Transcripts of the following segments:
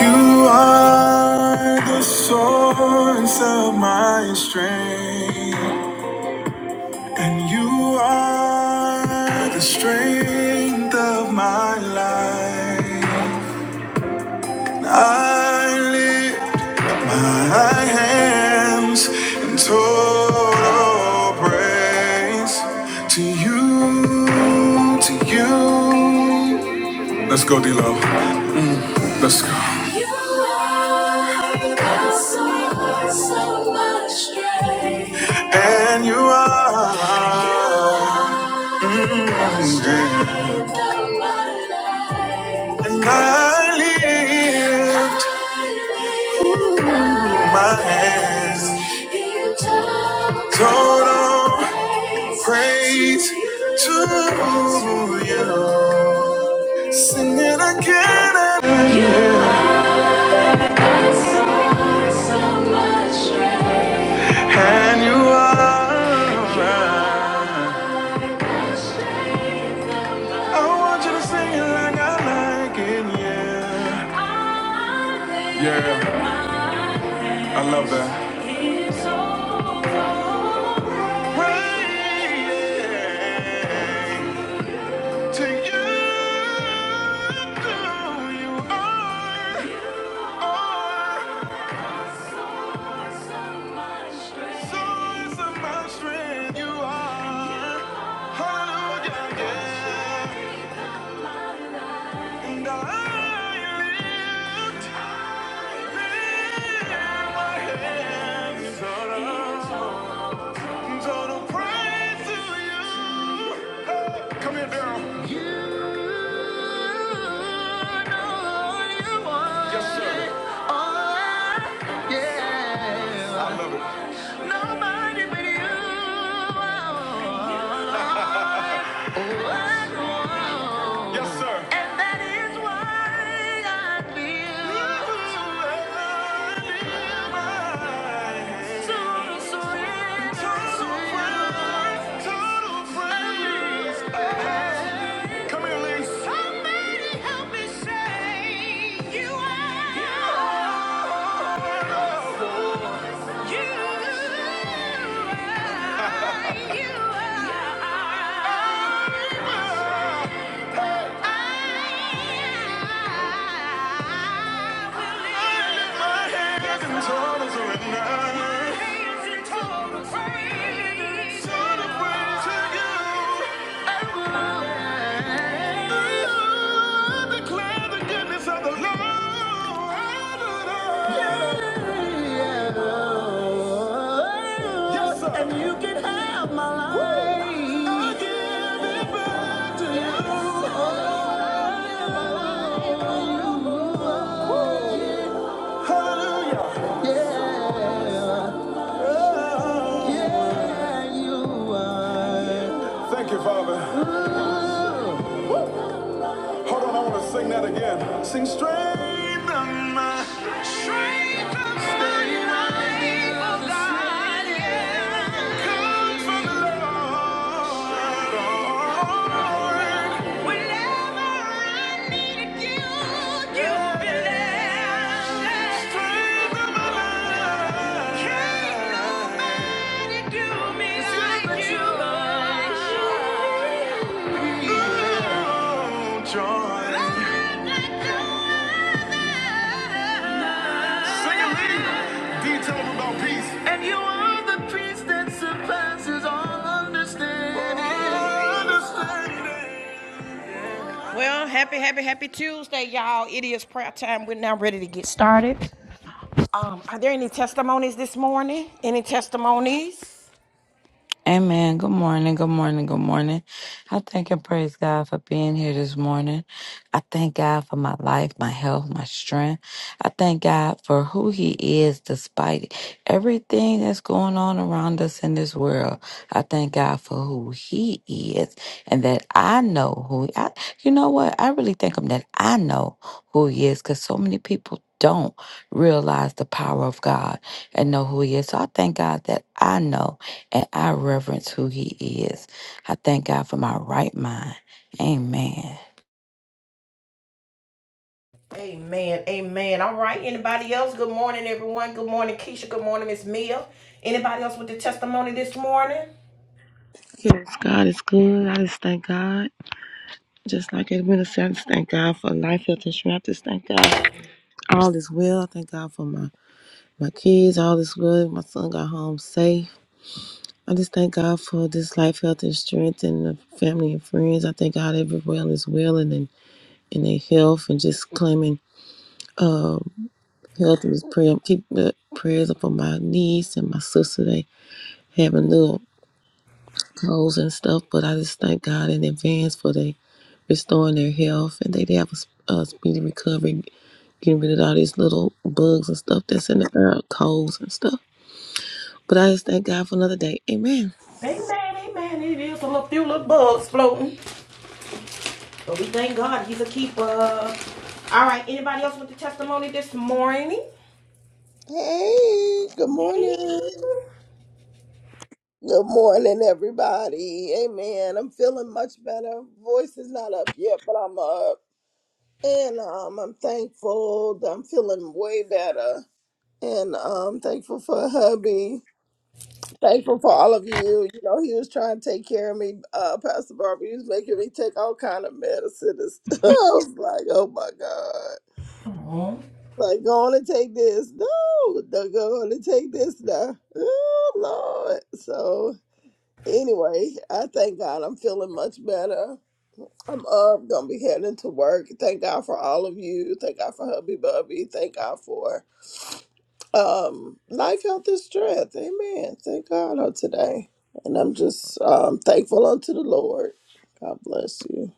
You are the source of my strength, and you are the strength of my life. I lift my hands in total praise to you, to you. Let's go, D-Lo. Let's go. You are so, so much greater. And you are. greater than my life. And I lift Ooh, my hands in total praise to you. Singing again and again. And you are mine. I want you to sing it like I like it, yeah. Yeah, I love that. Praying to you, you are, are. Source of my strength, you are. Hallelujah, yeah. And I lift my sorrow. Total praise to you. Hey, come here, Daryl. Yes, sir. Yeah. I love it. Nobody but you. Yes, sir. You are. And you can have my life. I'll give it Thank you, Father. Hold on, I want to sing that again. Sing strengthen my my straight on my life life, comes from the Lord. Whenever I you'll there. can nobody Do me like you. Well, happy, happy, happy Tuesday, y'all. It is prayer time. We're now ready to get some. Are there any testimonies this morning? Any testimonies? Amen. Good morning. Good morning. Good morning. I thank and praise God for being here this morning. I thank God for my life, my health, my strength. I thank God for who He is despite everything that's going on around us in this world. I thank God for who He is and that I know who I, you know what? I really thank Him that I know who He is because so many people don't realize the power of God and know who He is. So I thank God that I know and I reverence who he is. I thank God for my right mind. Amen. Yes, God is good. I just thank God. Just like it minister, I just thank God for life, health, and strength. I just thank God for all is well. I thank God for my, my kids. All is good. My son got home safe. I just thank God for this life, health, and strength and the family and friends. I thank God everyone is well and in, in their health and just claiming um, health and prayer. Keep the prayers up for my niece and my sister. They having little colds and stuff, but I just thank God in advance for they restoring their health and they, they have a, s- a speedy recovery, getting rid of all these little bugs and stuff that's in the air, colds and stuff. But I just thank God for another day. Amen. Hey, good morning. Good morning, everybody. Amen. I'm feeling much better. Voice is not up yet, but I'm up. And um, I'm thankful that I'm feeling way better. And um, thankful for hubby. Thankful for all of you. You know, he was trying to take care of me. Uh, Pastor Barbara, he was making me take all kind of medicine and stuff. I was like, oh my God. Like, go on and take this. No, no, go on and take this now. Oh, Lord. So Anyway, I thank God I'm feeling much better. I'm up, gonna be heading to work. Thank God for all of you. Thank God for hubby bubby. Thank God for um life, health, and strength. Amen. Thank God on today. And I'm just um thankful unto the Lord. God bless you.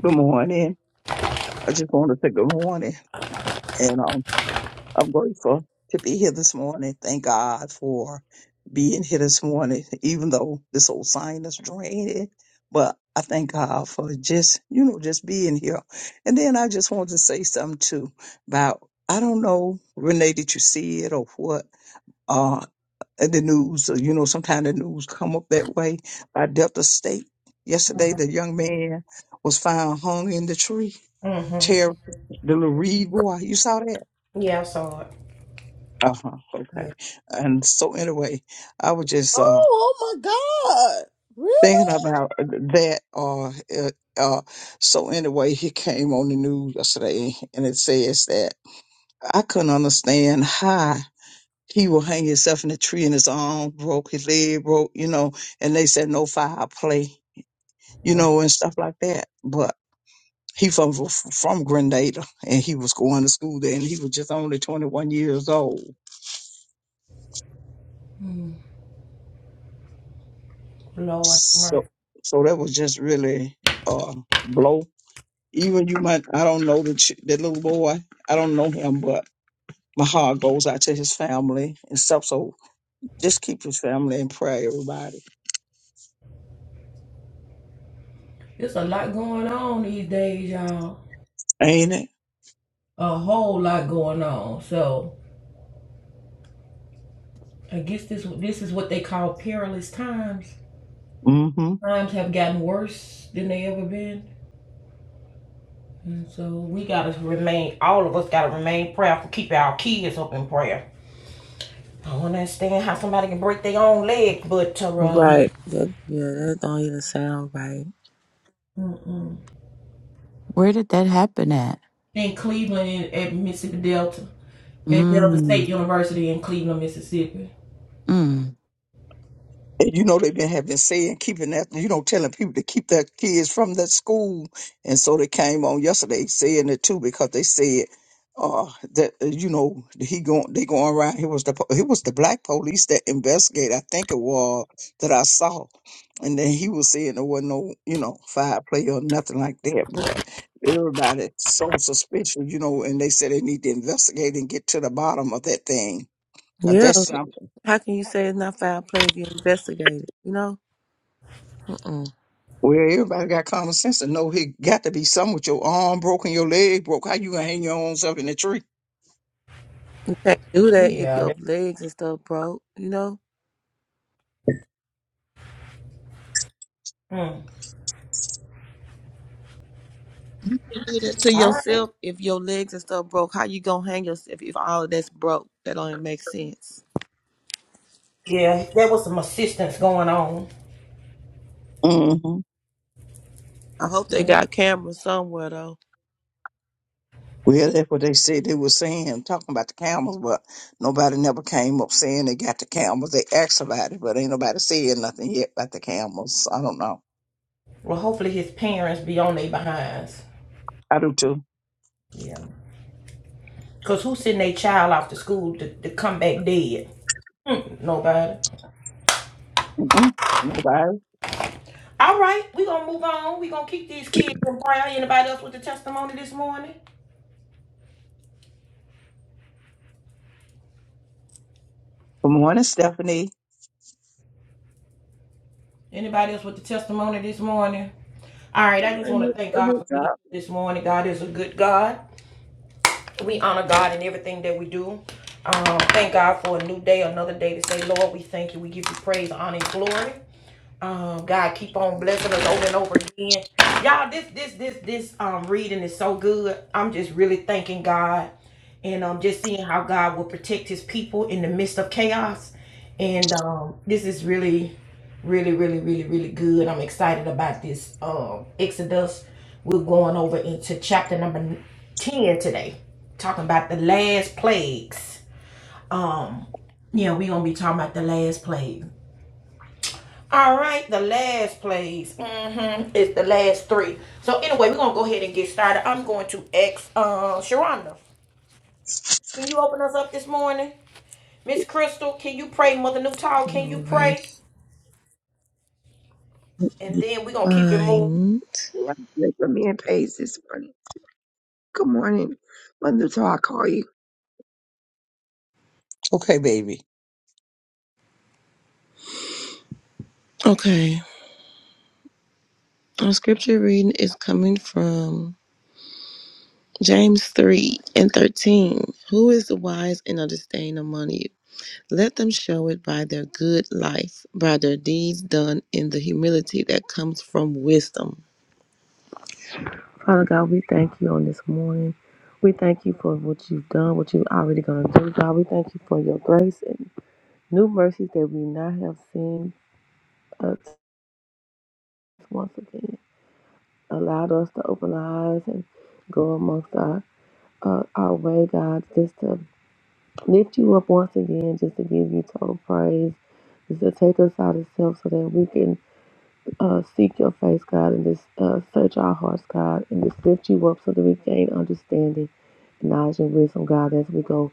Good morning. I just wanted to say good morning. And um, I'm grateful to be here this morning. Thank God for being here this morning, even though this old sinus drained it. But I thank God for just, you know, just being here. And then I just wanted to say something too about, I don't know, Renee, did you see it or what? Uh, in the news, or, you know, sometimes the news come up that way by Delta State. Yesterday, the young man was found hung in the tree Terry, the little Reed boy. You saw that? Uh huh. Okay. And so anyway, I was just uh Oh, oh my God. Really? thinking about uh, that. Uh, uh, uh, so anyway, he came on the news yesterday, and it says that I couldn't understand how he will hang himself in a tree, and his arm broke, his leg broke, you know. And they said no foul play, you know, and stuff like that. But he from from Grenada, and he was going to school there, and he was just only twenty one years old So, so that was just really uh, blow. Even you might, I don't know the ch- that little boy. I don't know him, but my heart goes out to his family and stuff. So just keep his family in prayer, everybody. Ain't it? Mm-hmm. Right. That, yeah, that don't even sound right. Where did that happen at? Mm. Mm. And you know they've been have been saying keeping that you know telling people to keep their kids from that school, and so they came on yesterday saying it too because they said uh that uh, you know he going they going around it was the po- it was the black police that investigate I think it was that I saw, and then he was saying there wasn't no you know fireplay or nothing like that, but everybody so suspicious you know, and they said they need to investigate and get to the bottom of that thing 'cause Yeah. that's something. How can you say it's not foul play if you investigate it? You know? Mm-mm. Well, everybody got common sense to know he got to be something with your arm broken, your leg broke. How you gonna hang your own self in the tree? You can't do that if your legs and stuff broke, you know? do that to yourself if your legs and stuff broke? How you gonna hang yourself if all of that's broke? That don't even make sense. Mm-hmm. I hope they got cameras somewhere though. Well, that's what they said they were saying, talking about the camels, but nobody never came up saying they got the camels. They asked about it, but ain't nobody said nothing yet about the camels. I don't know. I do too. Mm-mm. Nobody. Good morning, Stephanie. Good morning, Mother Mother God. Alrighty. Fine. Like for me and Paige this morning. Good morning, Mother. So I call you Okay, baby. Okay. Our scripture reading is coming from James 3 and 13. Who is the wise and understanding among you? Let them show it by their good life, by their deeds done in the humility that comes from wisdom. Father God, we thank you on this morning. We thank you for what you've done, what you're already going to do, God. We thank you for your grace and new mercies that we not have seen us once again. Allowed us to open our eyes and go amongst our, uh, our way, God, just to lift you up once again, just to give you total praise, just to take us out of self so that we can uh, seek your face, God, and just uh, search our hearts, God, and just lift you up so that we gain understanding, knowledge, and wisdom, God, as we go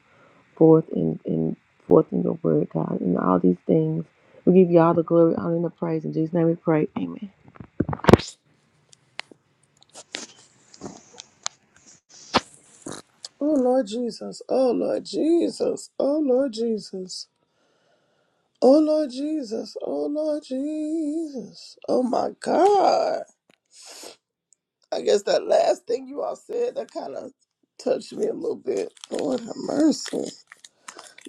forth in, in forth in your word, God, and all these things. We give you all the glory, honor, and the praise. In Jesus' name we pray. Amen. Oh Lord Jesus. Oh Lord Jesus. Oh Lord Jesus. Oh Lord Jesus. Oh Lord Jesus. Oh my God. I guess that last thing you all said that kind of touched me a little bit. Lord have mercy.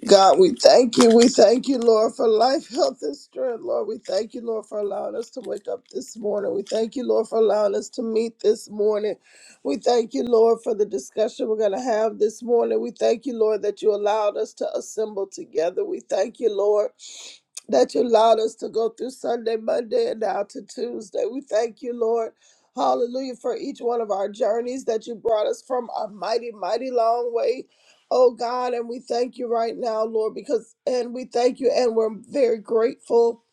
God, we thank you. We thank you, Lord, for life, health, and strength. Lord, we thank you, Lord, for allowing us to wake up this morning. We thank you, Lord, for allowing us to meet this morning. We thank you, Lord, for the discussion we're going to have this morning. We thank you, Lord, that you allowed us to assemble together. We thank you, Lord, that you allowed us to go through Sunday, Monday, and now to Tuesday. We thank you, Lord. Hallelujah for each one of our journeys that you brought us from a mighty, mighty long way Oh God, and we thank you right now, Lord, because, and we thank you, and we're very grateful.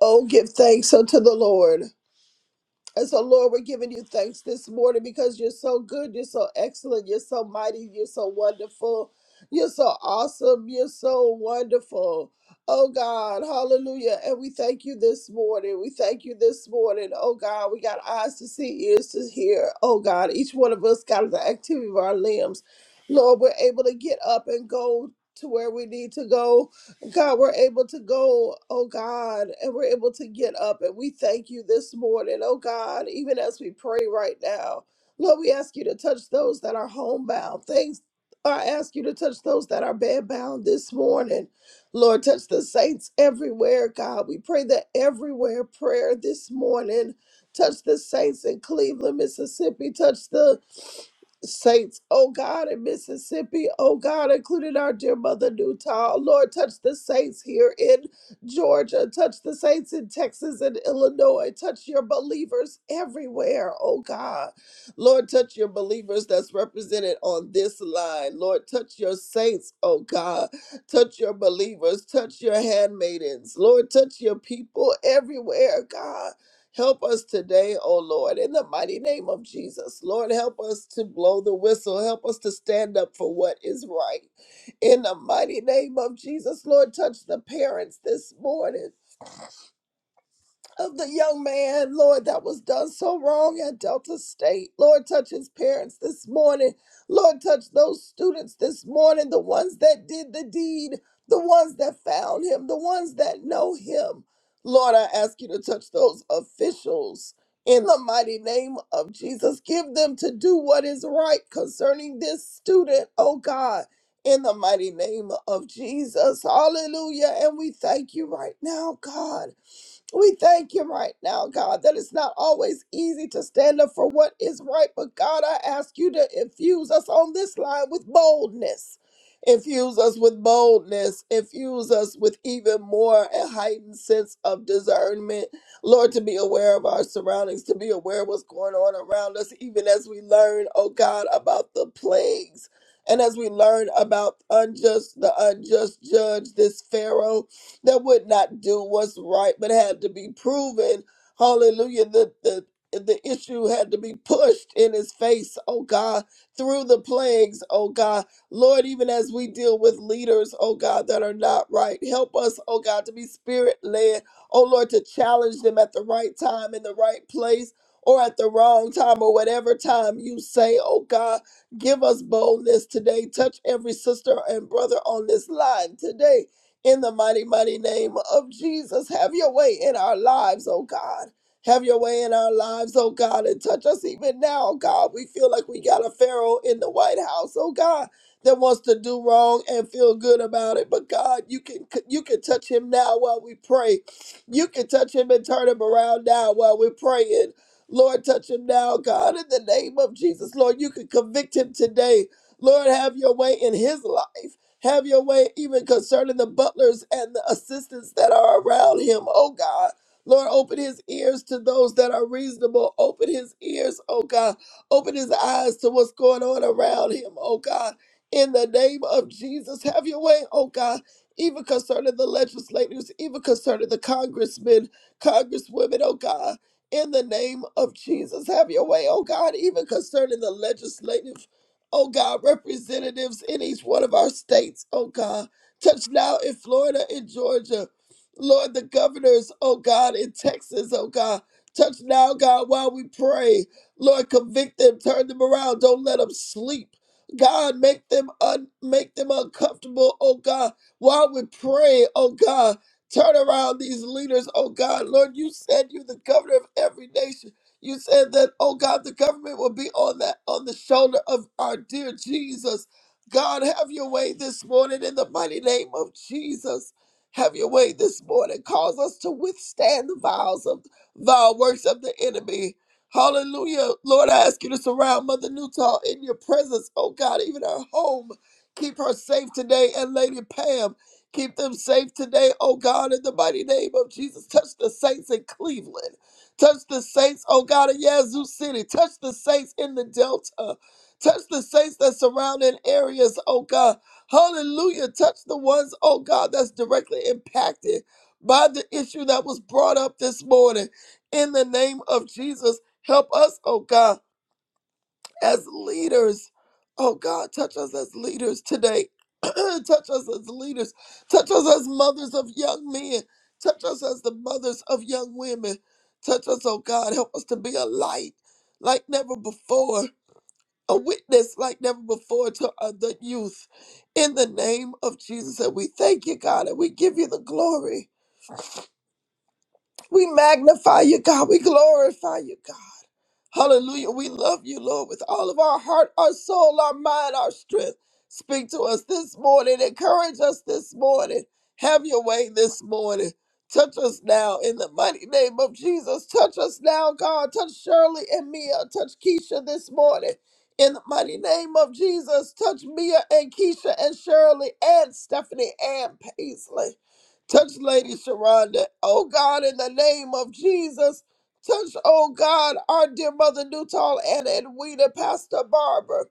Oh, give thanks unto the Lord. And so, Lord, we're giving you thanks this morning because you're so good, you're so excellent, you're so mighty, you're so wonderful, you're so awesome, you're so wonderful. Oh God, hallelujah. And we thank you this morning. We thank you this morning. Oh God, we got eyes to see, ears to hear. Oh God, each one of us got the activity of our limbs. Lord, we're able to get up and go to where we need to go God, we're able to go, oh God, and we're able to get up. And we thank you this morning, oh God, even as we pray right now. Lord, we ask you to touch those that are homebound. Things I ask you to touch those that are bedbound this morning. Lord, touch the saints everywhere, God. We pray that everywhere prayer this morning. Touch the saints in Cleveland, Mississippi. Touch the saints, oh God, in Mississippi, oh God, including our dear mother Newtown. Lord, touch the saints here in Georgia, touch the saints in Texas and Illinois, touch your believers everywhere, oh God. Lord, touch your believers that's represented on this line. Lord, touch your saints, oh God. Touch your believers, touch your handmaidens. Lord, touch your people everywhere, God. Help us today, O Lord, in the mighty name of Jesus. Lord, help us to blow the whistle. Help us to stand up for what is right. In the mighty name of Jesus, Lord, touch the parents this morning of the young man, Lord, that was done so wrong at Delta State. Lord, touch his parents this morning. Lord, touch those students this morning, the ones that did the deed, the ones that found him, the ones that know him. Lord, I ask you to touch those officials in the mighty name of Jesus. Give them to do what is right concerning this student, oh God. In the mighty name of Jesus. Hallelujah. And we thank you right now, God. We thank you right now, God, that it's not always easy to stand up for what is right. But God, I ask you to infuse us on this line with boldness. Infuse us with boldness. Infuse us with even more a heightened sense of discernment. Lord, to be aware of our surroundings, to be aware of what's going on around us, even as we learn, oh God, about the plagues. And as we learn about unjust, the unjust judge, this Pharaoh that would not do what's right, but had to be proven. Hallelujah. The, the, the issue had to be pushed in his face, oh God, through the plagues, oh God. Lord, even as we deal with leaders, oh God, that are not right, help us, oh God, to be spirit led, oh Lord, to challenge them at the right time, in the right place, or at the wrong time, or whatever time you say, oh God. Give us boldness today. Touch every sister and brother on this line today in the mighty, mighty name of Jesus. Have your way in our lives, oh God. Have your way in our lives, oh God, and touch us even now, oh God. We feel like we got a Pharaoh in the White House, oh God, that wants to do wrong and feel good about it. But God, you can you can touch him now while we pray. You can touch him and turn him around now while we're praying. Lord, touch him now, God, in the name of Jesus. Lord, you can convict him today. Lord, have your way in his life. Have your way even concerning the butlers and the assistants that are around him, oh God. Lord, open his ears to those that are reasonable. Open his ears, oh God. Open his eyes to what's going on around him, oh God. In the name of Jesus, have your way, oh God. Even concerning the legislators, even concerning the congressmen, congresswomen, oh God. In the name of Jesus, have your way, oh God. Even concerning the legislative oh God, representatives in each one of our states, oh God. Touch now in Florida and Georgia. Lord, the governors, oh God, in Texas, oh God. Touch now, God, while we pray. Lord, convict them, turn them around, don't let them sleep. God, make them un- make them uncomfortable, oh God, while we pray, oh God. Turn around these leaders, oh God. Lord, you said you the governor of every nation. You said that, oh God, the government will be on that on the shoulder of our dear Jesus. God, have your way this morning in the mighty name of Jesus. Have your way this morning. Cause us to withstand the vials of vile works of the enemy. Hallelujah. Lord, I ask you to surround Mother Newtall in your presence, oh God, even her home. Keep her safe today and Lady Pam. Keep them safe today, oh God, in the mighty name of Jesus. Touch the saints in Cleveland. Touch the saints, oh God, of Yazoo City. Touch the saints in the Delta. Touch the saints that surrounding areas, oh God. Hallelujah. Touch the ones, oh God, that's directly impacted by the issue that was brought up this morning. In the name of Jesus, help us, oh God as leaders. Oh God, touch us as leaders today. touch us as leaders. Touch us as mothers of young men. Touch us as the mothers of young women. Touch us, oh God. Help us to be a light like never before, a witness like never before to uh, the youth. In the name of Jesus, and we thank you, God, and we give you the glory. We magnify you, God. We glorify you, God. Hallelujah. We love you, Lord, with all of our heart, our soul, our mind, our strength. Speak to us this morning. Encourage us this morning. Have your way this morning. Touch us now in the mighty name of Jesus. Touch us now, God. Touch Shirley and Mia. Touch Keisha this morning. In the mighty name of Jesus, touch Mia and Keisha and Shirley and Stephanie and Paisley. Touch Lady Sharonda. Oh God, in the name of Jesus. Touch, oh God, our dear mother Newtall and Edwina, Pastor Barbara.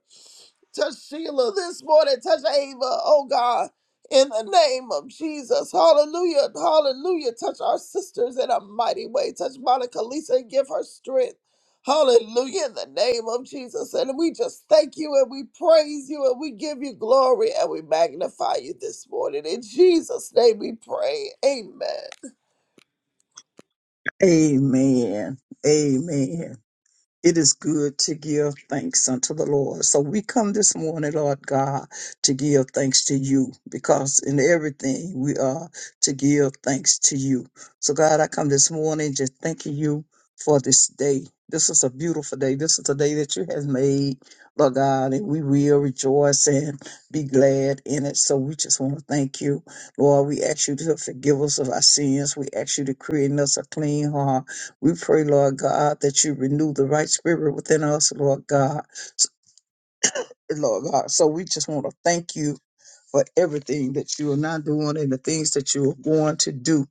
Touch Sheila this morning. Touch Ava, oh God. In the name of Jesus. Hallelujah. Hallelujah. Touch our sisters in a mighty way. Touch Monica Lisa and give her strength. Hallelujah. In the name of Jesus. And we just thank you and we praise you and we give you glory and we magnify you this morning. In Jesus' name we pray. Amen. Amen. Amen. It is good to give thanks unto the Lord. So we come this morning, Lord God, to give thanks to you because in everything we are to give thanks to you. So, God, I come this morning just thanking you for this day. This is a beautiful day. This is a day that you have made, Lord God, and we will rejoice and be glad in it. So we just want to thank you, Lord. We ask you to forgive us of our sins. We ask you to create in us a clean heart we pray, Lord God, that you renew the right spirit within us, Lord God. S- Lord God, so we just want to thank you for everything that you are not doing and the things that you are going to do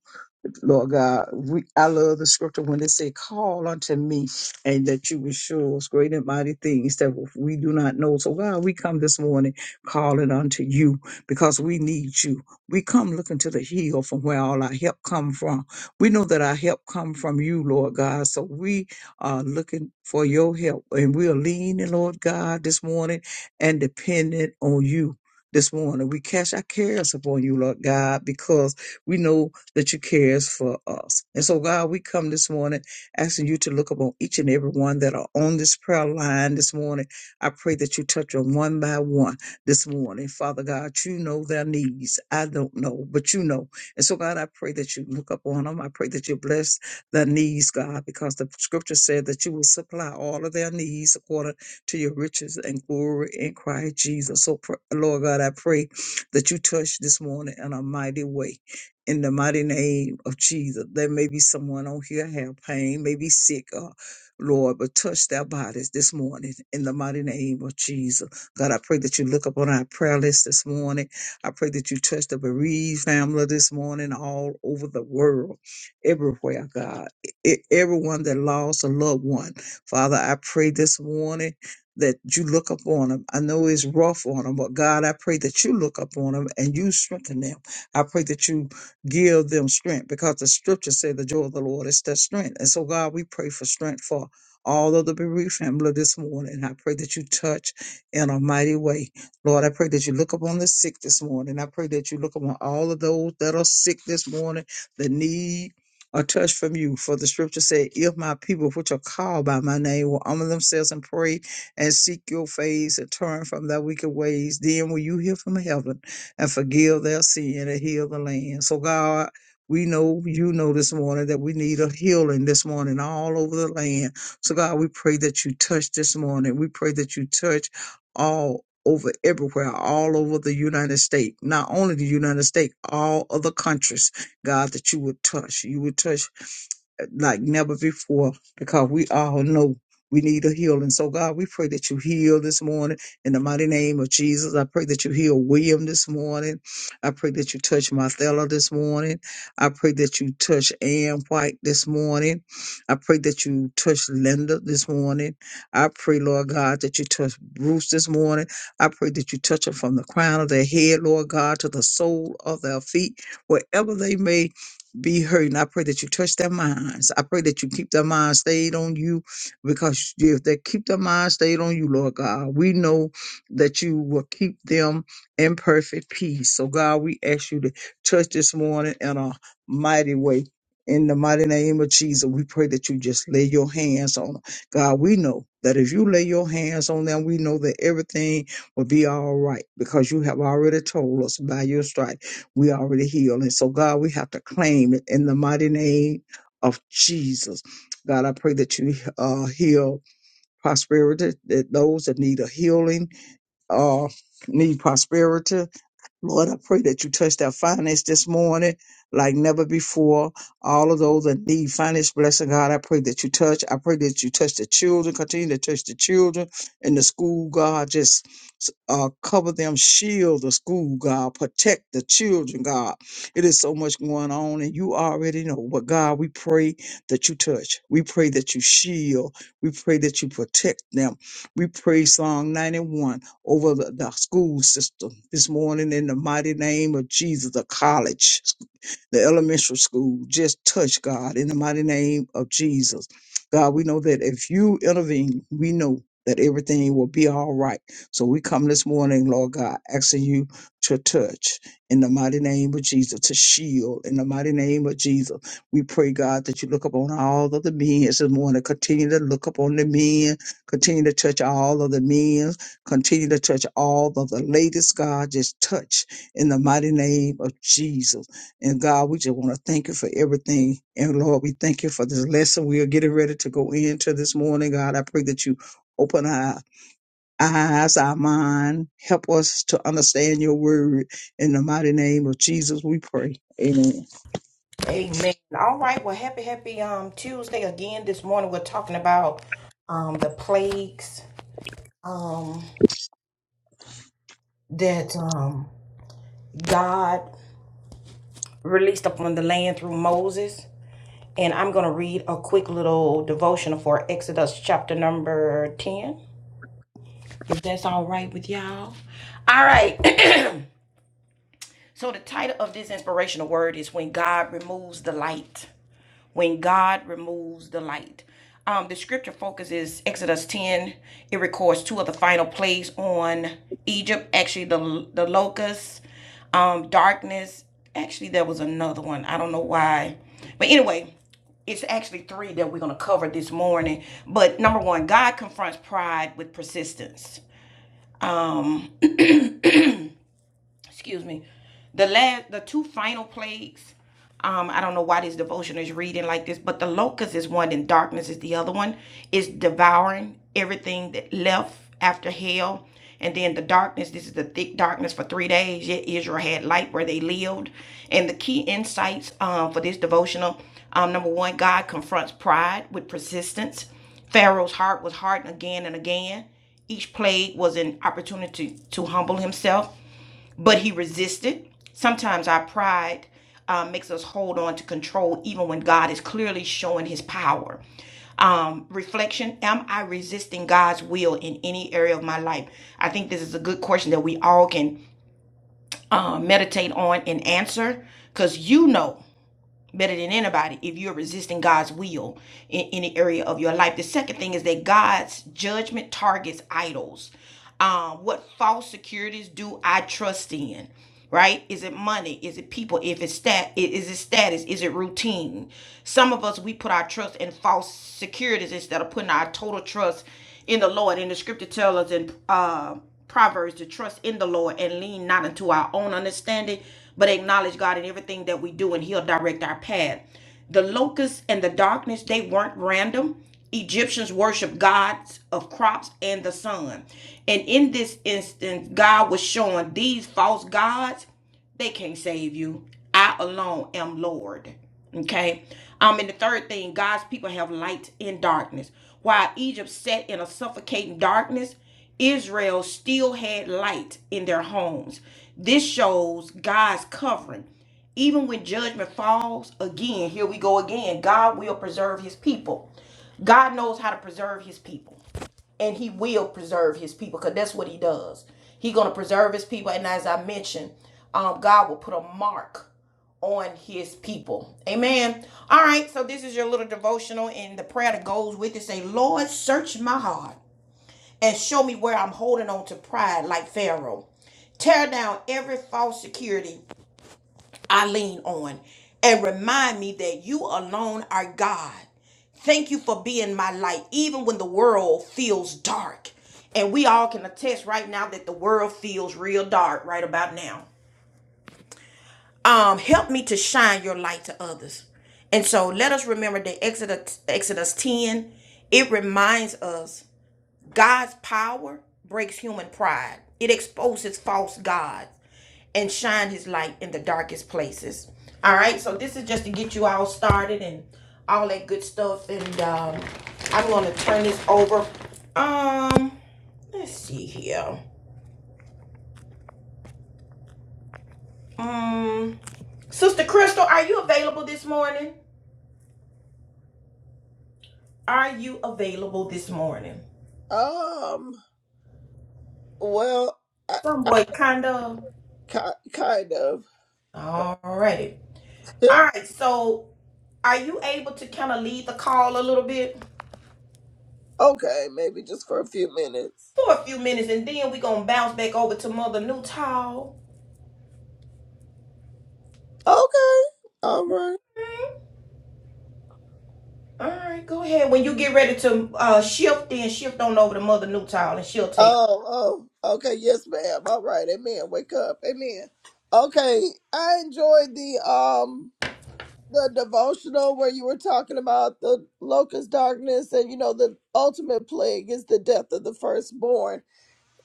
Lord God, we, I love the scripture when it say, call unto me and that you will show us great and mighty things that we do not know. So God, we come this morning calling unto you because we need you. We come looking to the hill from where all our help come from. We know that our help come from you, Lord God. So we are looking for your help and we are leaning, Lord God, this morning and dependent on you. This morning, we cast our cares upon you, Lord God, because we know that you cares for us. And so, God, we come this morning asking you to look upon each and every one that are on this prayer line this morning. I pray that you touch them one by one this morning. Father God, you know their needs. I don't know, but you know. And so, God, I pray that you look upon them. I pray that you bless their needs, God, because the scripture said that you will supply all of their needs according to your riches and glory in Christ Jesus. So, pr- Lord God, I pray that you touch this morning in a mighty way in the mighty name of Jesus. There may be someone on here have pain, may be sick, uh, Lord, but touch their bodies this morning in the mighty name of Jesus. God, I pray that you look up on our prayer list this morning. I pray that you touch the bereaved family this morning all over the world, everywhere, God. E- everyone that lost a loved one. Father, I pray this morning that you look up on them. I know it's rough on them, but God, I pray that you look up on them and you strengthen them. I pray that you give them strength because the Scripture say the joy of the Lord is their strength. And so, God, we pray for strength for all of the bereaved family this morning. I pray that you touch in a mighty way. Lord, I pray that you look upon the sick this morning. I pray that you look upon all of those that are sick this morning that need a touch from you. For the scripture said, If my people, which are called by my name, will humble themselves and pray and seek your face and turn from their wicked ways, then will you hear from heaven and forgive their sin and heal the land. So, God, we know you know this morning that we need a healing this morning all over the land. So, God, we pray that you touch this morning. We pray that you touch all over everywhere, all over the United States, not only the United States, all other countries, God, that you would touch. You would touch like never before because we all know we need a healing. So, God, we pray that you heal this morning in the mighty name of Jesus. I pray that you heal William this morning. I pray that you touch Marthella this morning. I pray that you touch Ann White this morning. I pray that you touch Linda this morning. I pray, Lord God, that you touch Bruce this morning. I pray that you touch them from the crown of their head, Lord God, to the sole of their feet, wherever they may be hurt. And I pray that you touch their minds. I pray that you keep their minds stayed on you because if they keep their minds stayed on you, Lord God, we know that you will keep them in perfect peace. So, God, we ask you to touch this morning in a mighty way. In the mighty name of Jesus, we pray that you just lay your hands on them. God, we know that if you lay your hands on them, we know that everything will be all right because you have already told us by your stripes we already healed. And so, God, we have to claim it in the mighty name of Jesus. God, I pray that you uh, heal prosperity, that those that need a healing uh, need prosperity Lord, I pray that you touch their finance this morning like never before. All of those that need finance blessing, God, I pray that you touch. I pray that you touch the children, continue to touch the children in the school, God. Just uh, cover them, shield the school, God. Protect the children, God. It is so much going on, and you already know. But God, we pray that you touch. We pray that you shield. We pray that you protect them. We pray Psalm 91 over the, the school system this morning in the mighty name of Jesus, the college the elementary school. Just touch, God, in the mighty name of Jesus. God, we know that if you intervene, we know that everything will be all right. So we come this morning, Lord God, asking you to touch in the mighty name of Jesus, to shield in the mighty name of Jesus. We pray, God, that you look upon all of the men this morning. Continue to look upon the men. Continue to touch all of the men. Continue to touch all of the ladies, God. Just touch in the mighty name of Jesus. And God, we just want to thank you for everything. And Lord, we thank you for this lesson we are getting ready to go into this morning. God, I pray that you open our eyes, our mind, help us to understand your word. In the mighty name of Jesus, we pray. Amen. Um, well, Ki- kind of. okay, maybe just for a few minutes. Okay. All right. Oh, oh. Okay. Yes, ma'am. All right. Amen. Wake up. Amen. Okay. I enjoyed the um the devotional where you were talking about the locust darkness and you know the ultimate plague is the death of the firstborn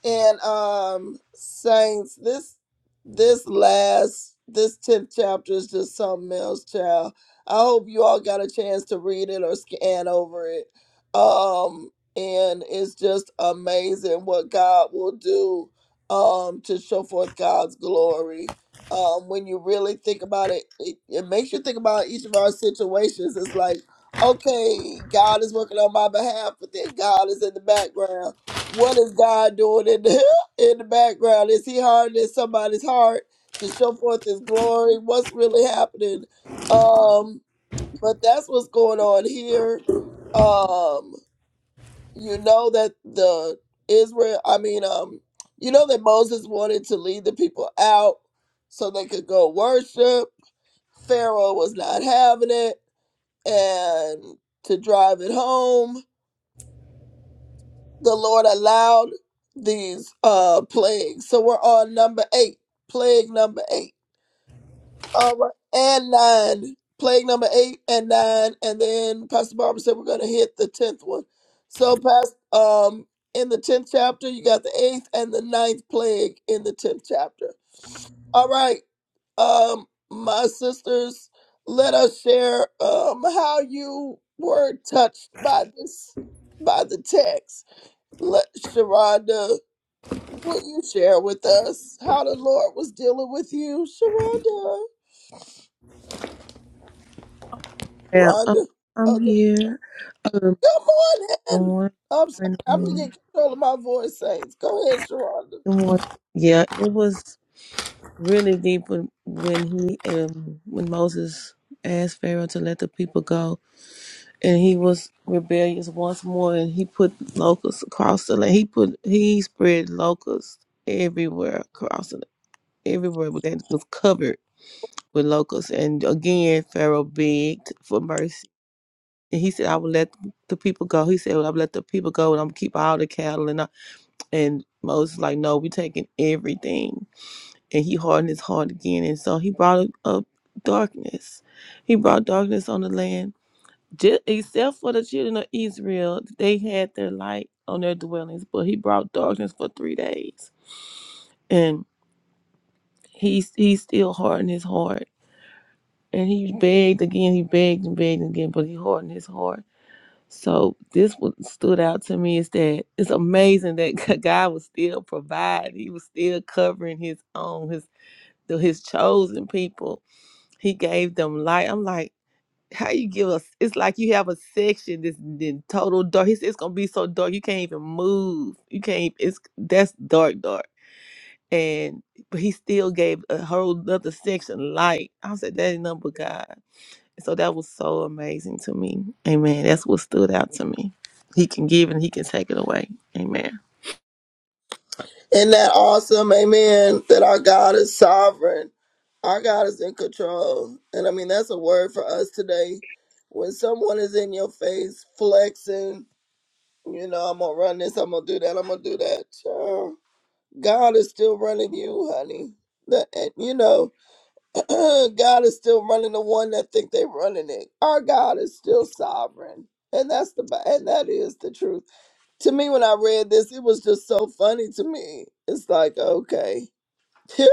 And um saints, this this last this tenth chapter is just something else, child. I hope you all got a chance to read it or scan over it. Um, and it's just amazing what God will do um to show forth God's glory. Um, when you really think about it, it, it makes you think about each of our situations. It's like, okay, God is working on my behalf, but then God is in the background what is God doing in the in the background? Is He hardening somebody's heart to show forth His glory? What's really happening? Um, but that's what's going on here. Um, you know that the Israel, I mean, um, you know that Moses wanted to lead the people out so they could go worship. Pharaoh was not having it, and to drive it home the Lord allowed these uh plagues. So we're on number eight, plague number eight. All right, and nine, plague number eight and nine, and then Pastor Barbara said we're gonna hit the tenth one. So past um in the tenth chapter, you got the eighth and the ninth plague in the tenth chapter. All right, um, my sisters, let us share um how you were touched by this by the text. Let Sharonda Will you share with us how the Lord was dealing with you, Sharonda? Yeah, um, Sharonda, oh, I'm there you here. Um, go. good Good morning. morning. I'm sorry. Good I'm going to morning. get control of my voice, saints. Go ahead, Sharonda. Good morning. Yeah, it was really deep when, when he um, when Moses asked Pharaoh to let the people go and he was rebellious once more and he put locusts across the land. He put he spread locusts everywhere across the everywhere that was covered with locusts. And again Pharaoh begged for mercy. And he said, I will let the people go. He said, Well, I'll let the people go and I'm gonna keep all the cattle and I, and Moses like, No, we're taking everything. And he hardened his heart again and so he brought up darkness. He brought darkness on the land Ju- except for the children of Israel, they had their light on their dwellings, but he brought darkness for three days. And he, he still hardened his heart. And he begged again, he begged and begged again, but he hardened his heart. So this what stood out to me is that it's amazing that God was still providing. He was still covering his own, his his chosen people. He gave them light. I'm like, how you give us it's like you have a section that's in total dark he said it's gonna be so dark you can't even move you can't it's that's dark dark and but he still gave a whole other section light i said that ain't nothing but god so that was so amazing to me amen that's what stood out to me he can give and he can take it away amen Isn't that awesome? Amen. That our God is sovereign. Our God is in control. And I mean, that's a word for us today. When someone is in your face flexing, you know, I'm going to run this, I'm going to do that, I'm going to do that. child. God is still running you, honey. That, and, you know, Uh, God is still running the one that think they running it. Our God is still sovereign. And that's the ba- and that is the truth. To me when I read this, it was just so funny to me. It's like, okay. it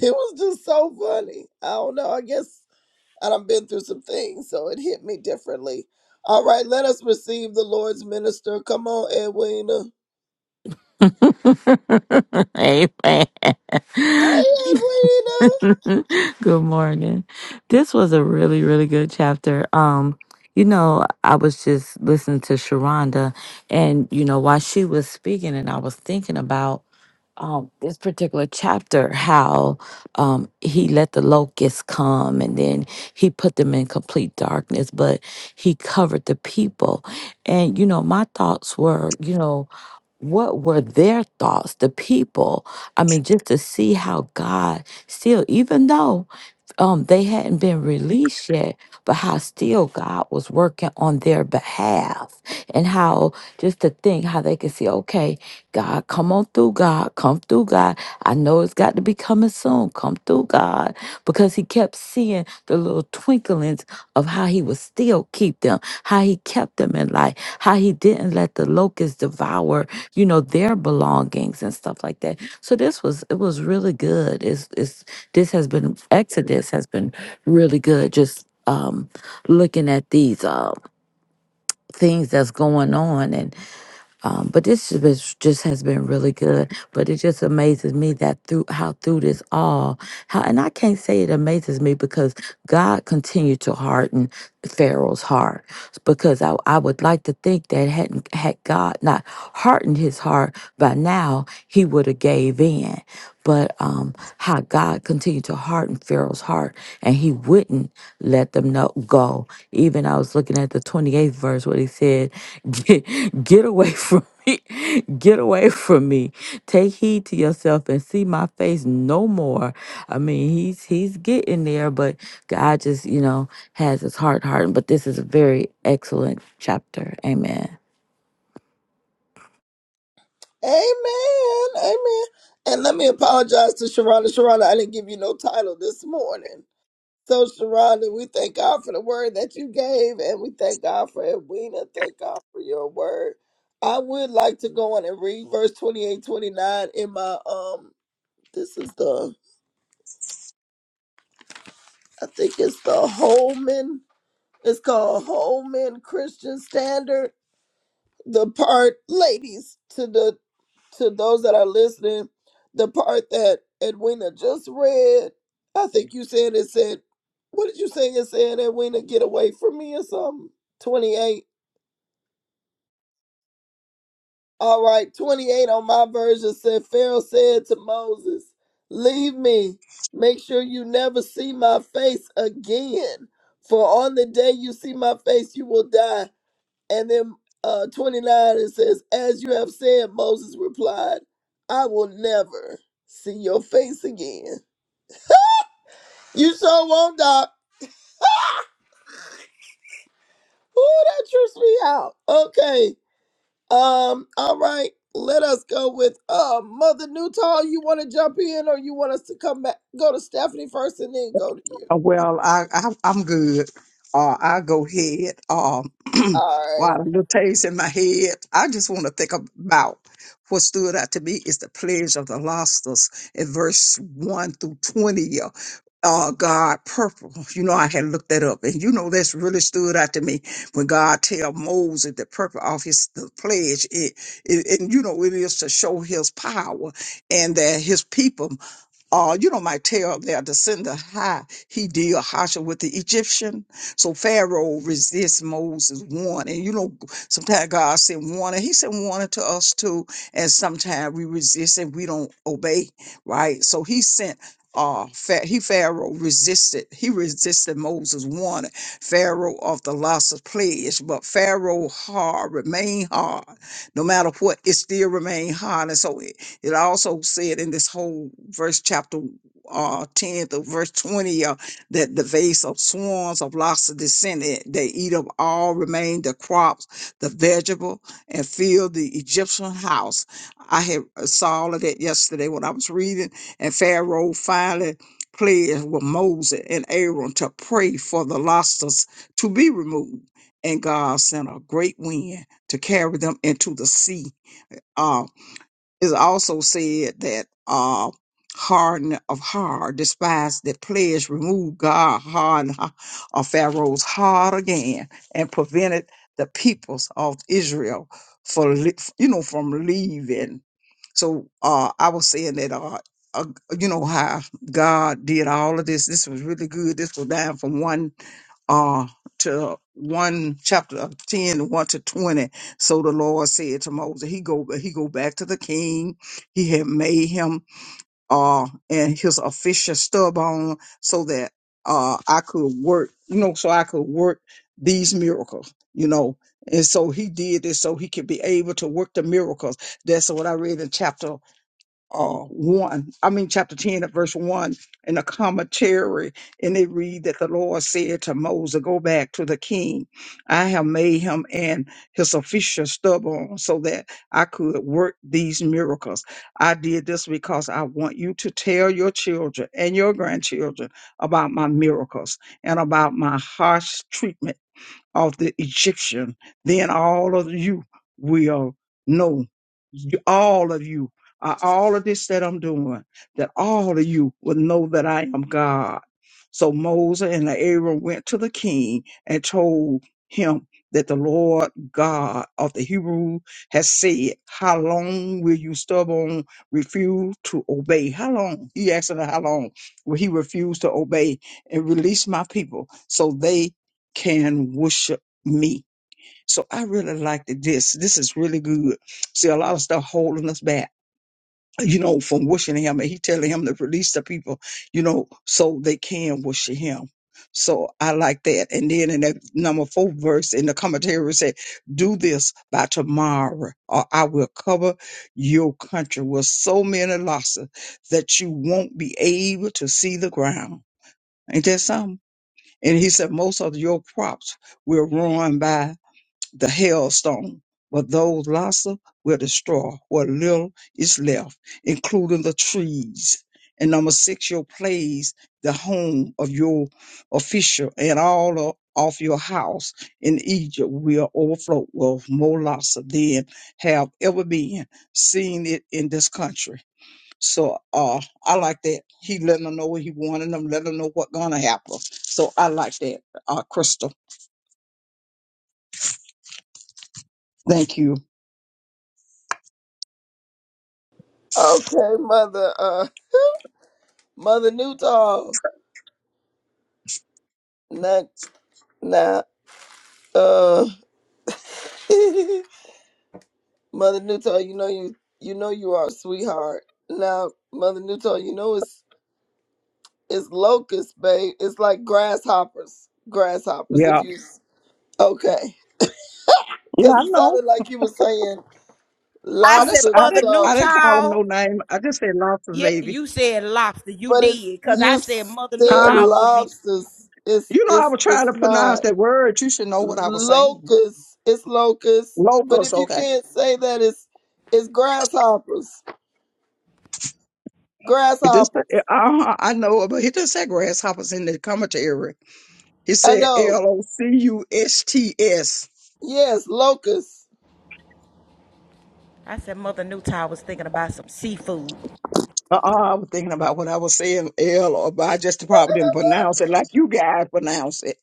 was just so funny. I don't know. I guess and I've been through some things, so it hit me differently. All right, let us receive the Lord's minister. Come on, Edwina. Hey, Edwina. Amen. good morning. This was a really, really good chapter. Um, you know, I was just listening to Sharonda and you know, while she was speaking and I was thinking about um, this particular chapter how um, he let the locusts come and then he put them in complete darkness, but he covered the people. And, you know, my thoughts were, you know, what were their thoughts, the people? I mean, just to see how God still, even though um they hadn't been released yet but how still god was working on their behalf and how just to think how they could see okay god come on through god come through god i know it's got to be coming soon come through god because he kept seeing the little twinklings of how he would still keep them how he kept them in life how he didn't let the locusts devour you know their belongings and stuff like that so this was it was really good it's it's this has been Exodus has been really good. Just um, looking at these uh, things that's going on, and um, but this has been- just has been really good. But it just amazes me that through how through this all, how and I can't say it amazes me because God continued to harden Pharaoh's heart because I, I would like to think that hadn't had God not hardened his heart by now, he would have gave in but um, how God continued to harden Pharaoh's heart and he wouldn't let them know, go. Even I was looking at the 28th verse where he said, Get, get away from me. Get away from me. Take heed to yourself and see my face no more. I mean, he's he's getting there, but God just, you know, has his heart hardened. But this is a very excellent chapter. Amen. Amen. Amen. And let me apologize to Sharonda. Sharonda, I didn't give you no title this morning. So, Sharonda, we thank God for the word that you gave, and we thank God for Edwina. Thank God for your word. I would like to go on and read verse 28, 29 in my, um, this is the, I think it's the Holman, it's called Holman Christian Standard, the part, ladies, to the to those that are listening, the part that Edwina just read, I think you said it said, what did you say it said, Edwina? Get away from me or something? 28. All right, 28 on my version said, Pharaoh said to Moses, Leave me. Make sure you never see my face again. For on the day you see my face, you will die. And then uh, 29, it says, As you have said, Moses replied, I will never see your face again. You sure won't, Doc. Oh, that trips me out. Okay. Um, all right. Let us go with uh Mother Newtall. You want to jump in or you want us to come back go to Stephanie first and then go to you? Uh, Well, I, I I'm good. Uh, I go ahead. Um, All while the taste in my head, I just want to think about what stood out to me is the pledge of the losses in verse one through twenty. Uh, uh, God purple. You know, I had looked that up, and you know that's really stood out to me when God tell Moses the purpose of his the pledge. It, it and you know it is to show His power and that His people uh, you know, my tale of their descendant, how he did Hasha with the Egyptian. So Pharaoh resists Moses' warning. You know, sometimes God sent warning. He sent warning to us too. And sometimes we resist and we don't obey, right? So he sent. Uh, Pha- he Pharaoh resisted. He resisted Moses' warning. Pharaoh of the loss of pledge, but Pharaoh hard remained hard, no matter what. It still remained hard, and so it also said in this whole verse, chapter uh, 10 to verse 20, uh, that the vase of swarms of lots of descent, eh, they eat up all remain the crops, the vegetable, and fill the Egyptian house. I had uh, saw all of that yesterday when I was reading, and Pharaoh finally pledged with Moses and Aaron to pray for the losses to be removed. And God sent a great wind to carry them into the sea Uh, it's also said that uh, harden of heart, despise that pledge, remove God harden ha- of Pharaoh's heart again, and prevented the peoples of Israel for li- you know from leaving. So uh, I was saying that uh, uh, you know how God did all of this. This was really good. This was down from one uh to one chapter of 10 one to 20 so the lord said to moses he go he go back to the king he had made him uh and his official stubborn so that uh i could work you know so i could work these miracles you know and so he did this so he could be able to work the miracles that's what i read in chapter uh, 1, I mean, chapter 10 at verse 1 in a commentary, and it read that the Lord said to Moses, Go back to the king. I have made him and his officials stubborn so that I could work these miracles. I did this because I want you to tell your children and your grandchildren about my miracles and about my harsh treatment of the Egyptian, then all of you will know, you- all of you, uh, all of this that I'm doing, that all of you will know that I am God. So Moses and Aaron went to the king and told him that the Lord God of the Hebrew has said, How long will you stubborn refuse to obey? How long? He asked him, How long will he refuse to obey and release my people so they can worship me. So I really liked it. this. This is really good. See, a lot of stuff holding us back, you know, from worshiping him. And he telling him to release the people, you know, so they can worship him. So I like that. And then in that number four verse in the commentary it said, do this by tomorrow or I will cover your country with so many losses that you won't be able to see the ground. Ain't that something? And he said, most of your crops will ruin by the hailstone, but those lassa will destroy what little is left, including the trees. And number six, your place, the home of your official and all of of your house in Egypt will overflow with more lassa than have ever been seen it in this country so uh, I like that. He letting them know what he wanted them, letting them know what gonna happen. So I like that, uh, Crystal. Thank you. right. Okay, mother uh Mother Newtall. Nah. Nah. uh Mother Newton, you know you you know you are a sweetheart. Now, Mother Newton, you know it's it's locusts, babe. It's like grasshoppers. Grasshoppers. Yeah. If you okay, Yeah, because I it know. sounded like you were saying I just lobsters I or didn't I something, didn't call him no name. I just said lobster baby. but it's you said Huh? lobsters. It's You know I it's was trying it's to pronounce not that word. You should know what I was saying. locusts. It's locusts. But Locals, if you okay. can't say that, it's it's grasshoppers. It just uh, Grasshoppers. uh, I know, but he just said grasshoppers in the commentary. He I said know. L O C U S T S. Yes, locusts. Uh-uh, I was thinking about what I was saying, L, or but I just probably didn't pronounce it like you guys pronounce it.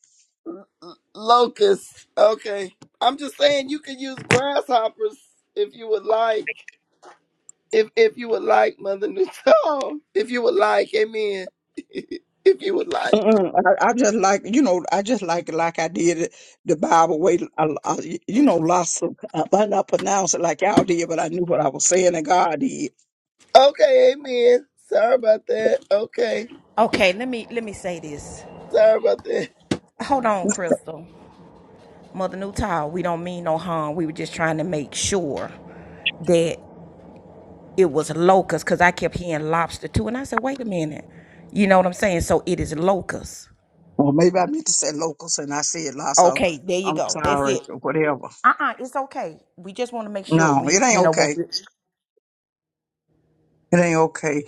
Locusts. Okay. I'm just saying you could use grasshoppers if you would like. If if you would like, Mother Newton. If you would like, amen. if you would like. Mm-mm. I, I just like, you know, I just like it like I did it the Bible way. I, I- you know, lots of, I might not pronounce it like y'all did, but I knew what I was saying and God did. Okay, amen. Sorry about that. Okay. Sorry about that. Or maybe I meant to say locals and I said lots of, I'm sorry, or whatever. No, it ain't okay. It ain't okay.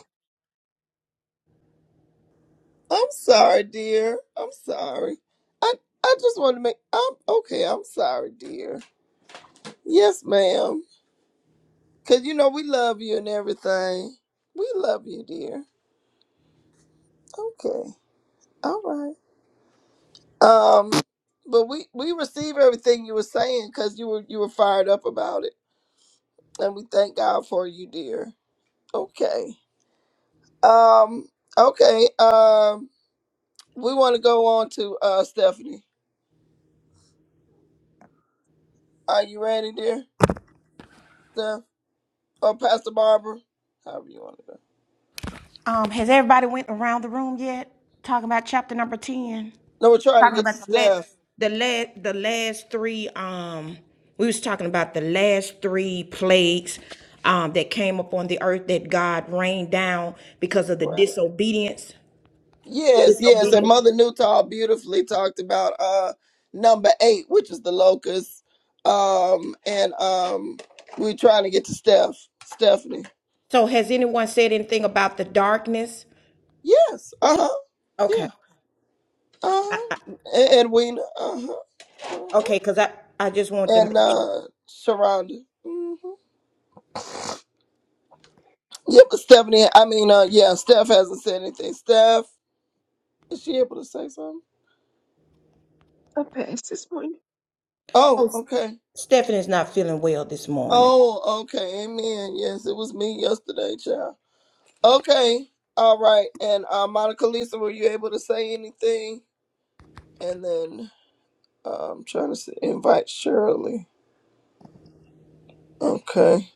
I'm sorry, dear. I'm sorry. I I just want to make I'm okay, I'm sorry, dear. Yes, ma'am. Cause you know we love you and everything. We love you, dear. Okay. All right. Um, but we we receive everything you were saying because you were you were fired up about it, and we thank God for you, dear. Okay. Um. Okay. Um. We want to go on to uh Stephanie. Are you ready, dear? Steph or Pastor Barbara, however you want to go. No, we're trying to get to Steph. Right. Yes, yes. And Mother Newtall beautifully talked about uh number eight, which is the locust. Um and um we're trying to get to Steph, Stephanie. Yes, uh-huh. Yeah. Uh-huh. And Edwina, uh-huh. uh-huh. And uh Sharonda. hmm Yeah, but Stephanie, I mean uh yeah, Steph hasn't said anything. Steph, is she able to say something? a pass this morning. Oh, okay. Oh, okay. Amen. Yes, it was me yesterday, child. Okay. All right. And uh, Monica Lisa, were you able to say anything? And then uh, I'm trying to s invite Shirley. Okay.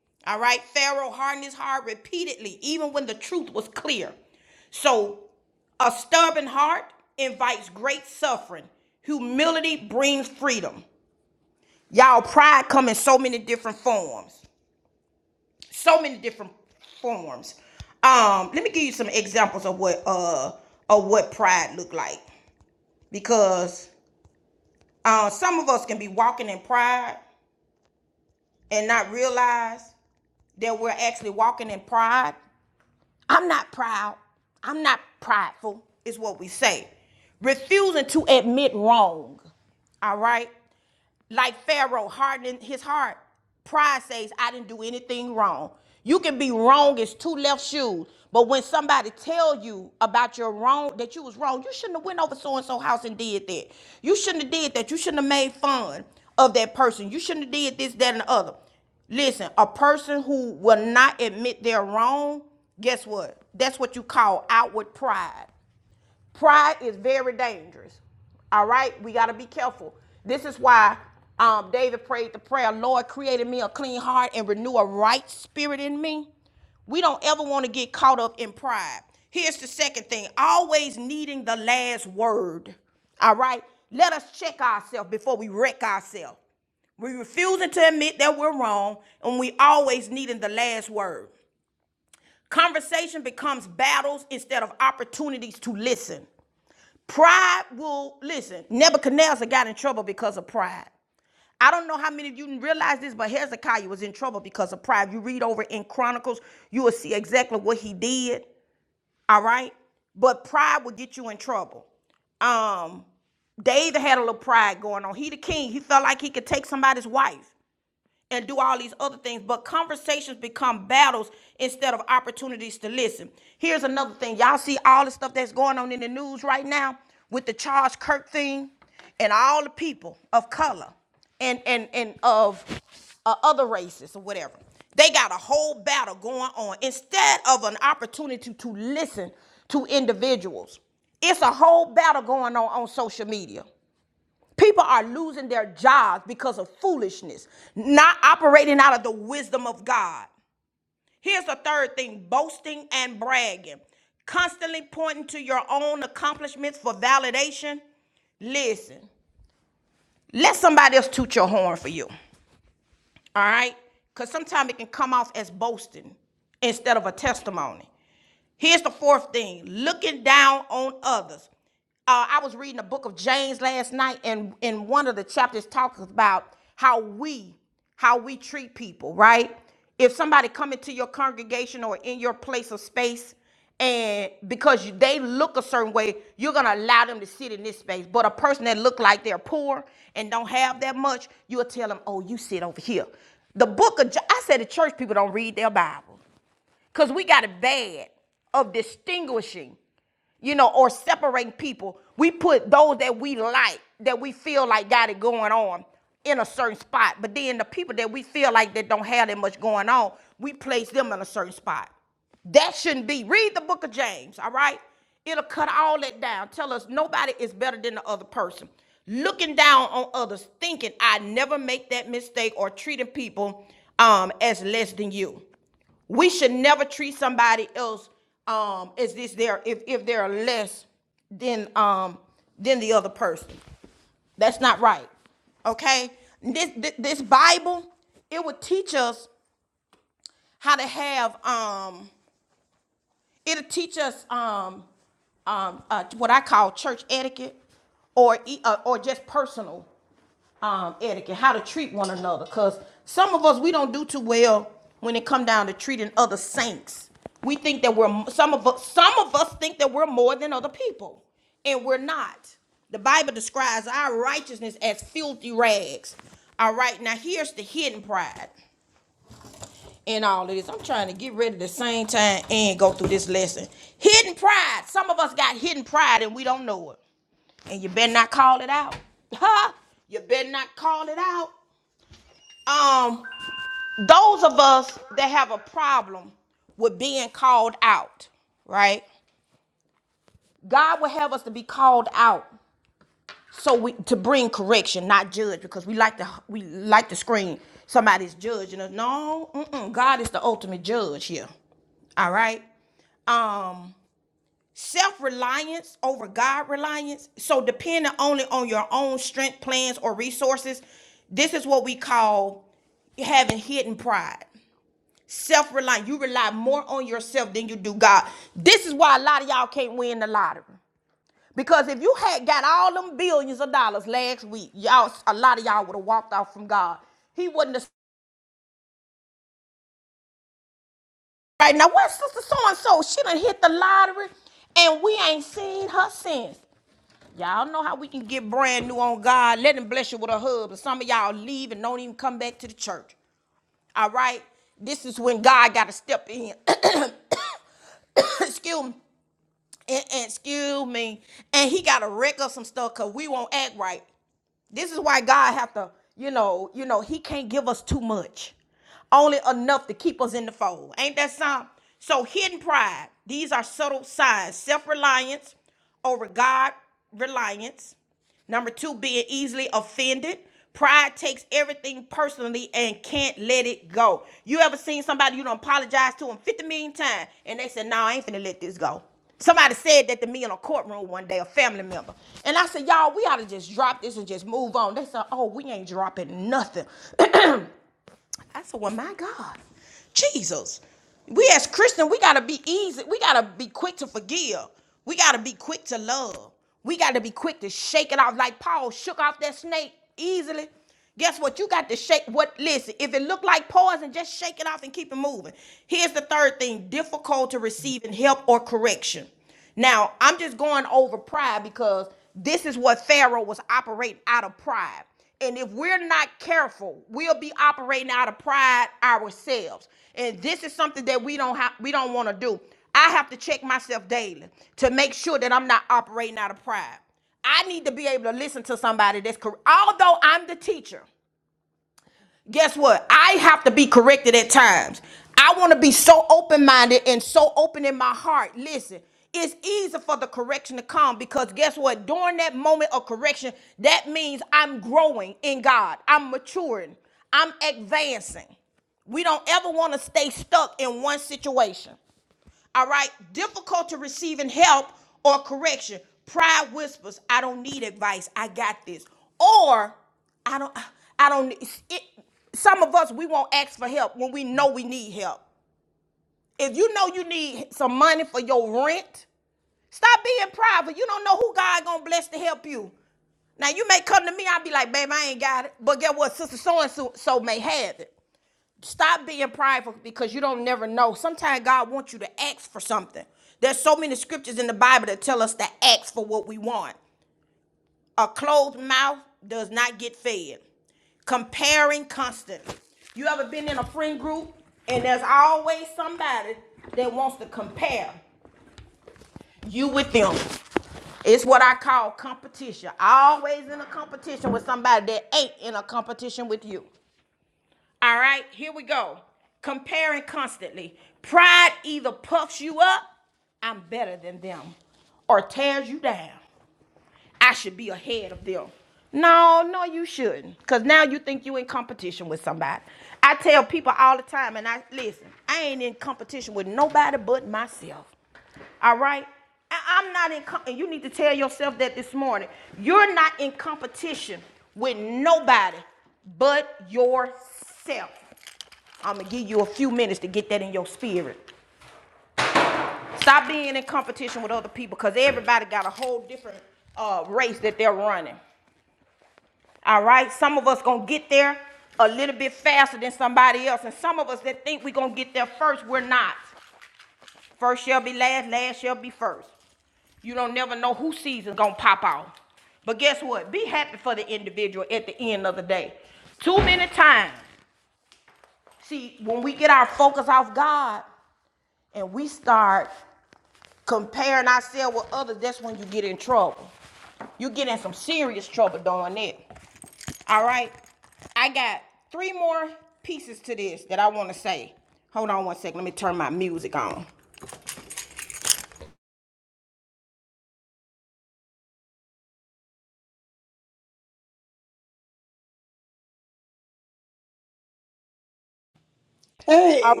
Hey.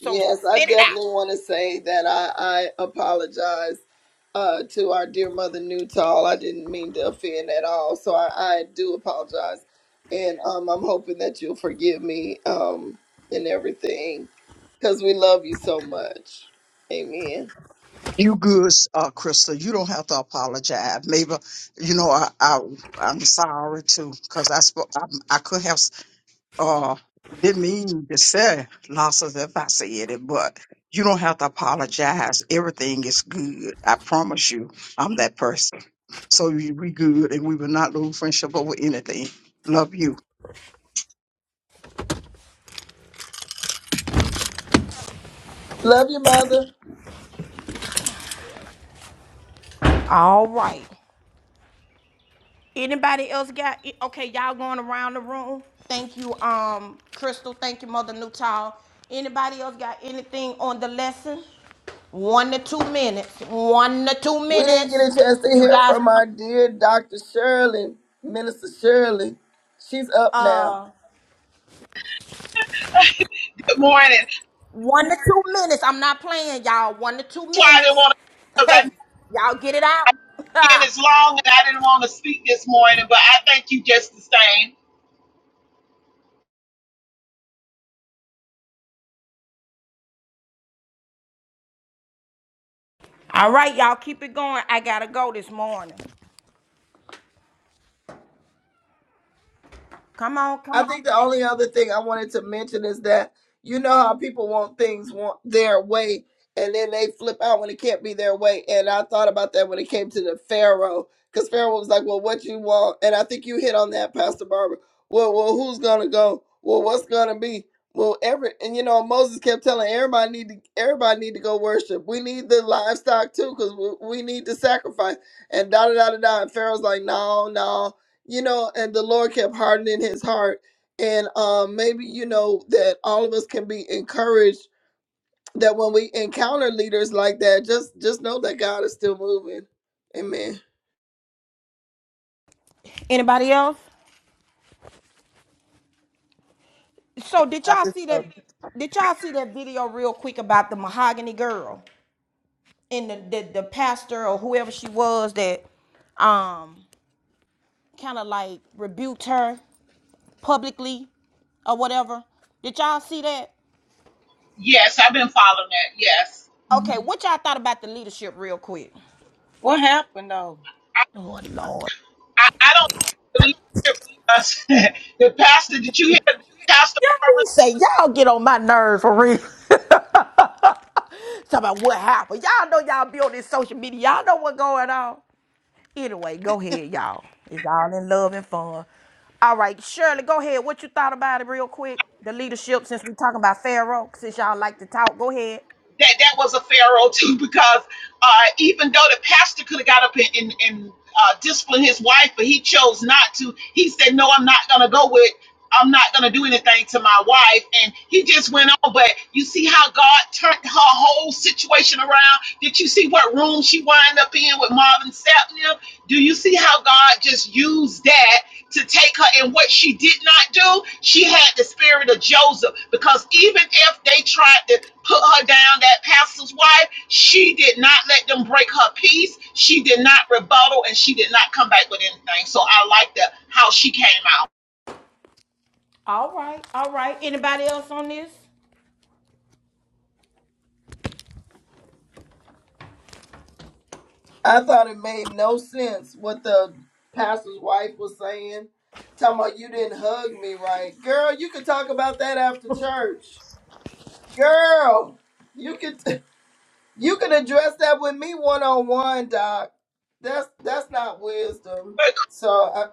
Yes, I definitely want to say that I, I apologize uh, to our dear mother Newtall. I didn't mean to offend at all. So I, I do apologize. And um, I'm hoping that you'll forgive me um, and everything because we love you so much. Amen. You good, uh, Krista. You don't have to apologize. Maybe, you know, I, I I'm sorry too, cause I spoke. I, I could have uh didn't mean to say losses if I said it, but you don't have to apologize. Everything is good. I promise you, I'm that person. So you, we good, and we will not lose friendship over anything. Love you. Love you, mother. We didn't get a chance to hear from our dear Dr. Shirley, Minister Shirley. She's up now. Good morning. That's why I didn't want to, because I been as long and I didn't want to speak this morning, but I thank you just the same. I think the only other thing I wanted to mention is that you know how people want things want their way and then they flip out when it can't be their way. And I thought about that when it came to the Pharaoh, because Pharaoh was like, Well, what you want? And I think you hit on that, Pastor Barbara. Well, well, who's gonna go? Well, what's gonna be? Well, every and you know Moses kept telling everybody need to everybody need to go worship. We need the livestock too, cause we, we need to sacrifice. And da da da da da. And Pharaoh's like, no, no, you know. And the Lord kept hardening his heart and um, maybe you know that all of us can be encouraged that when we encounter leaders like that just just know that god is still moving amen Yes, I've been following that. Yes. Mhm. What happened though? I, I don't believe it was- the pastor, did you hear Pastor Barbara? That, that was a pharaoh too, because uh, even though the pastor could have got up and, and, and uh, disciplined his wife, but he chose not to. He said, No, I'm not going to go with. I'm not going to do anything to my wife. And he just went on. But you see how God turned her whole situation around? Did you see what room she wound up in with Marvin Sapp now? Do you see how God just used that to take her? And what she did not do, she had the spirit of Joseph. Because even if they tried to put her down, that pastor's wife, she did not let them break her peace. She did not rebuttal and she did not come back with anything. So I like that how she came out. i thought it made no sense what the pastor's wife was saying talking about you didn't hug me right girl you can talk about that after church girl you can you can address that with me one-on-one doc that's that's not wisdom so I,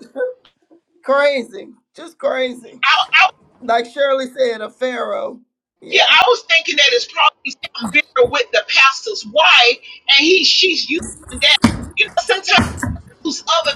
crazy just crazy I, I, Like Shirley said, a pharaoh. yeah, Yeah. I was thinking that it's probably something bigger with the pastor's wife, and he she's using that. You know, sometimes use other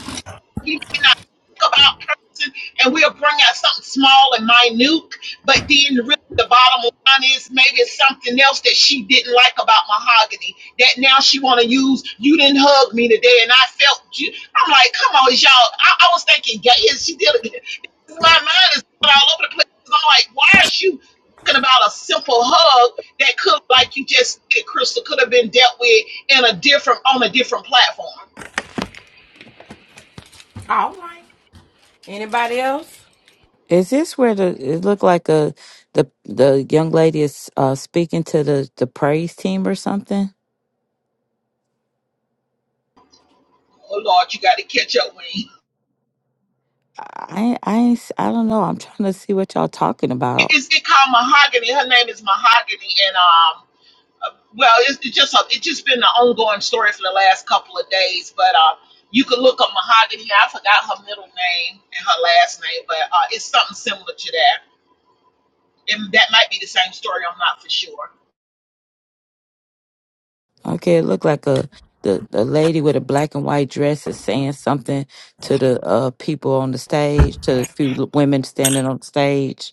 we may not think about person and we'll bring out something small and minute, but then really the bottom line is maybe it's something else that she didn't like about mahogany that now she want to use. You didn't hug me today, and I felt you. I'm like, come on, is y'all. I, I was thinking, yeah, yeah, she did it. My mind is all over the place. I'm like, why is you talking about a simple hug that could, like you just said, Crystal, could have been dealt with in a different on a different platform? Is this where the it looked like a the the young lady is uh, speaking to the the praise team or something? Oh Lord, you got to catch up, Wayne. I I ain't, s- I don't know. I'm trying to see what y'all talking about. it's it called Mahogany. Her name is Mahogany, and um, uh, well, it's, it's just a, it's just been an ongoing story for the last couple of days. But uh, you can look up Mahogany. I forgot her middle name and her last name, but uh, it's something similar to that, and that might be the same story. I'm not for sure. Okay, it looked like a the the lady with a black and white dress is saying something to the uh people on the stage, to the few l- women standing on stage.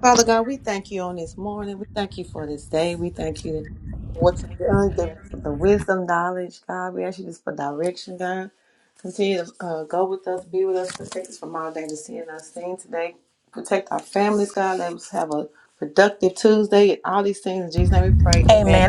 Father God, we thank you on this morning. We thank you for this day. We thank you for what you've done, the, the wisdom, knowledge, God. We ask you just for direction, God. Continue to uh, go with us, be with us, protect us from all danger, sin, and unseen today. Protect our families, God. Let us have a productive Tuesday. All these things in Jesus' name we pray. Amen.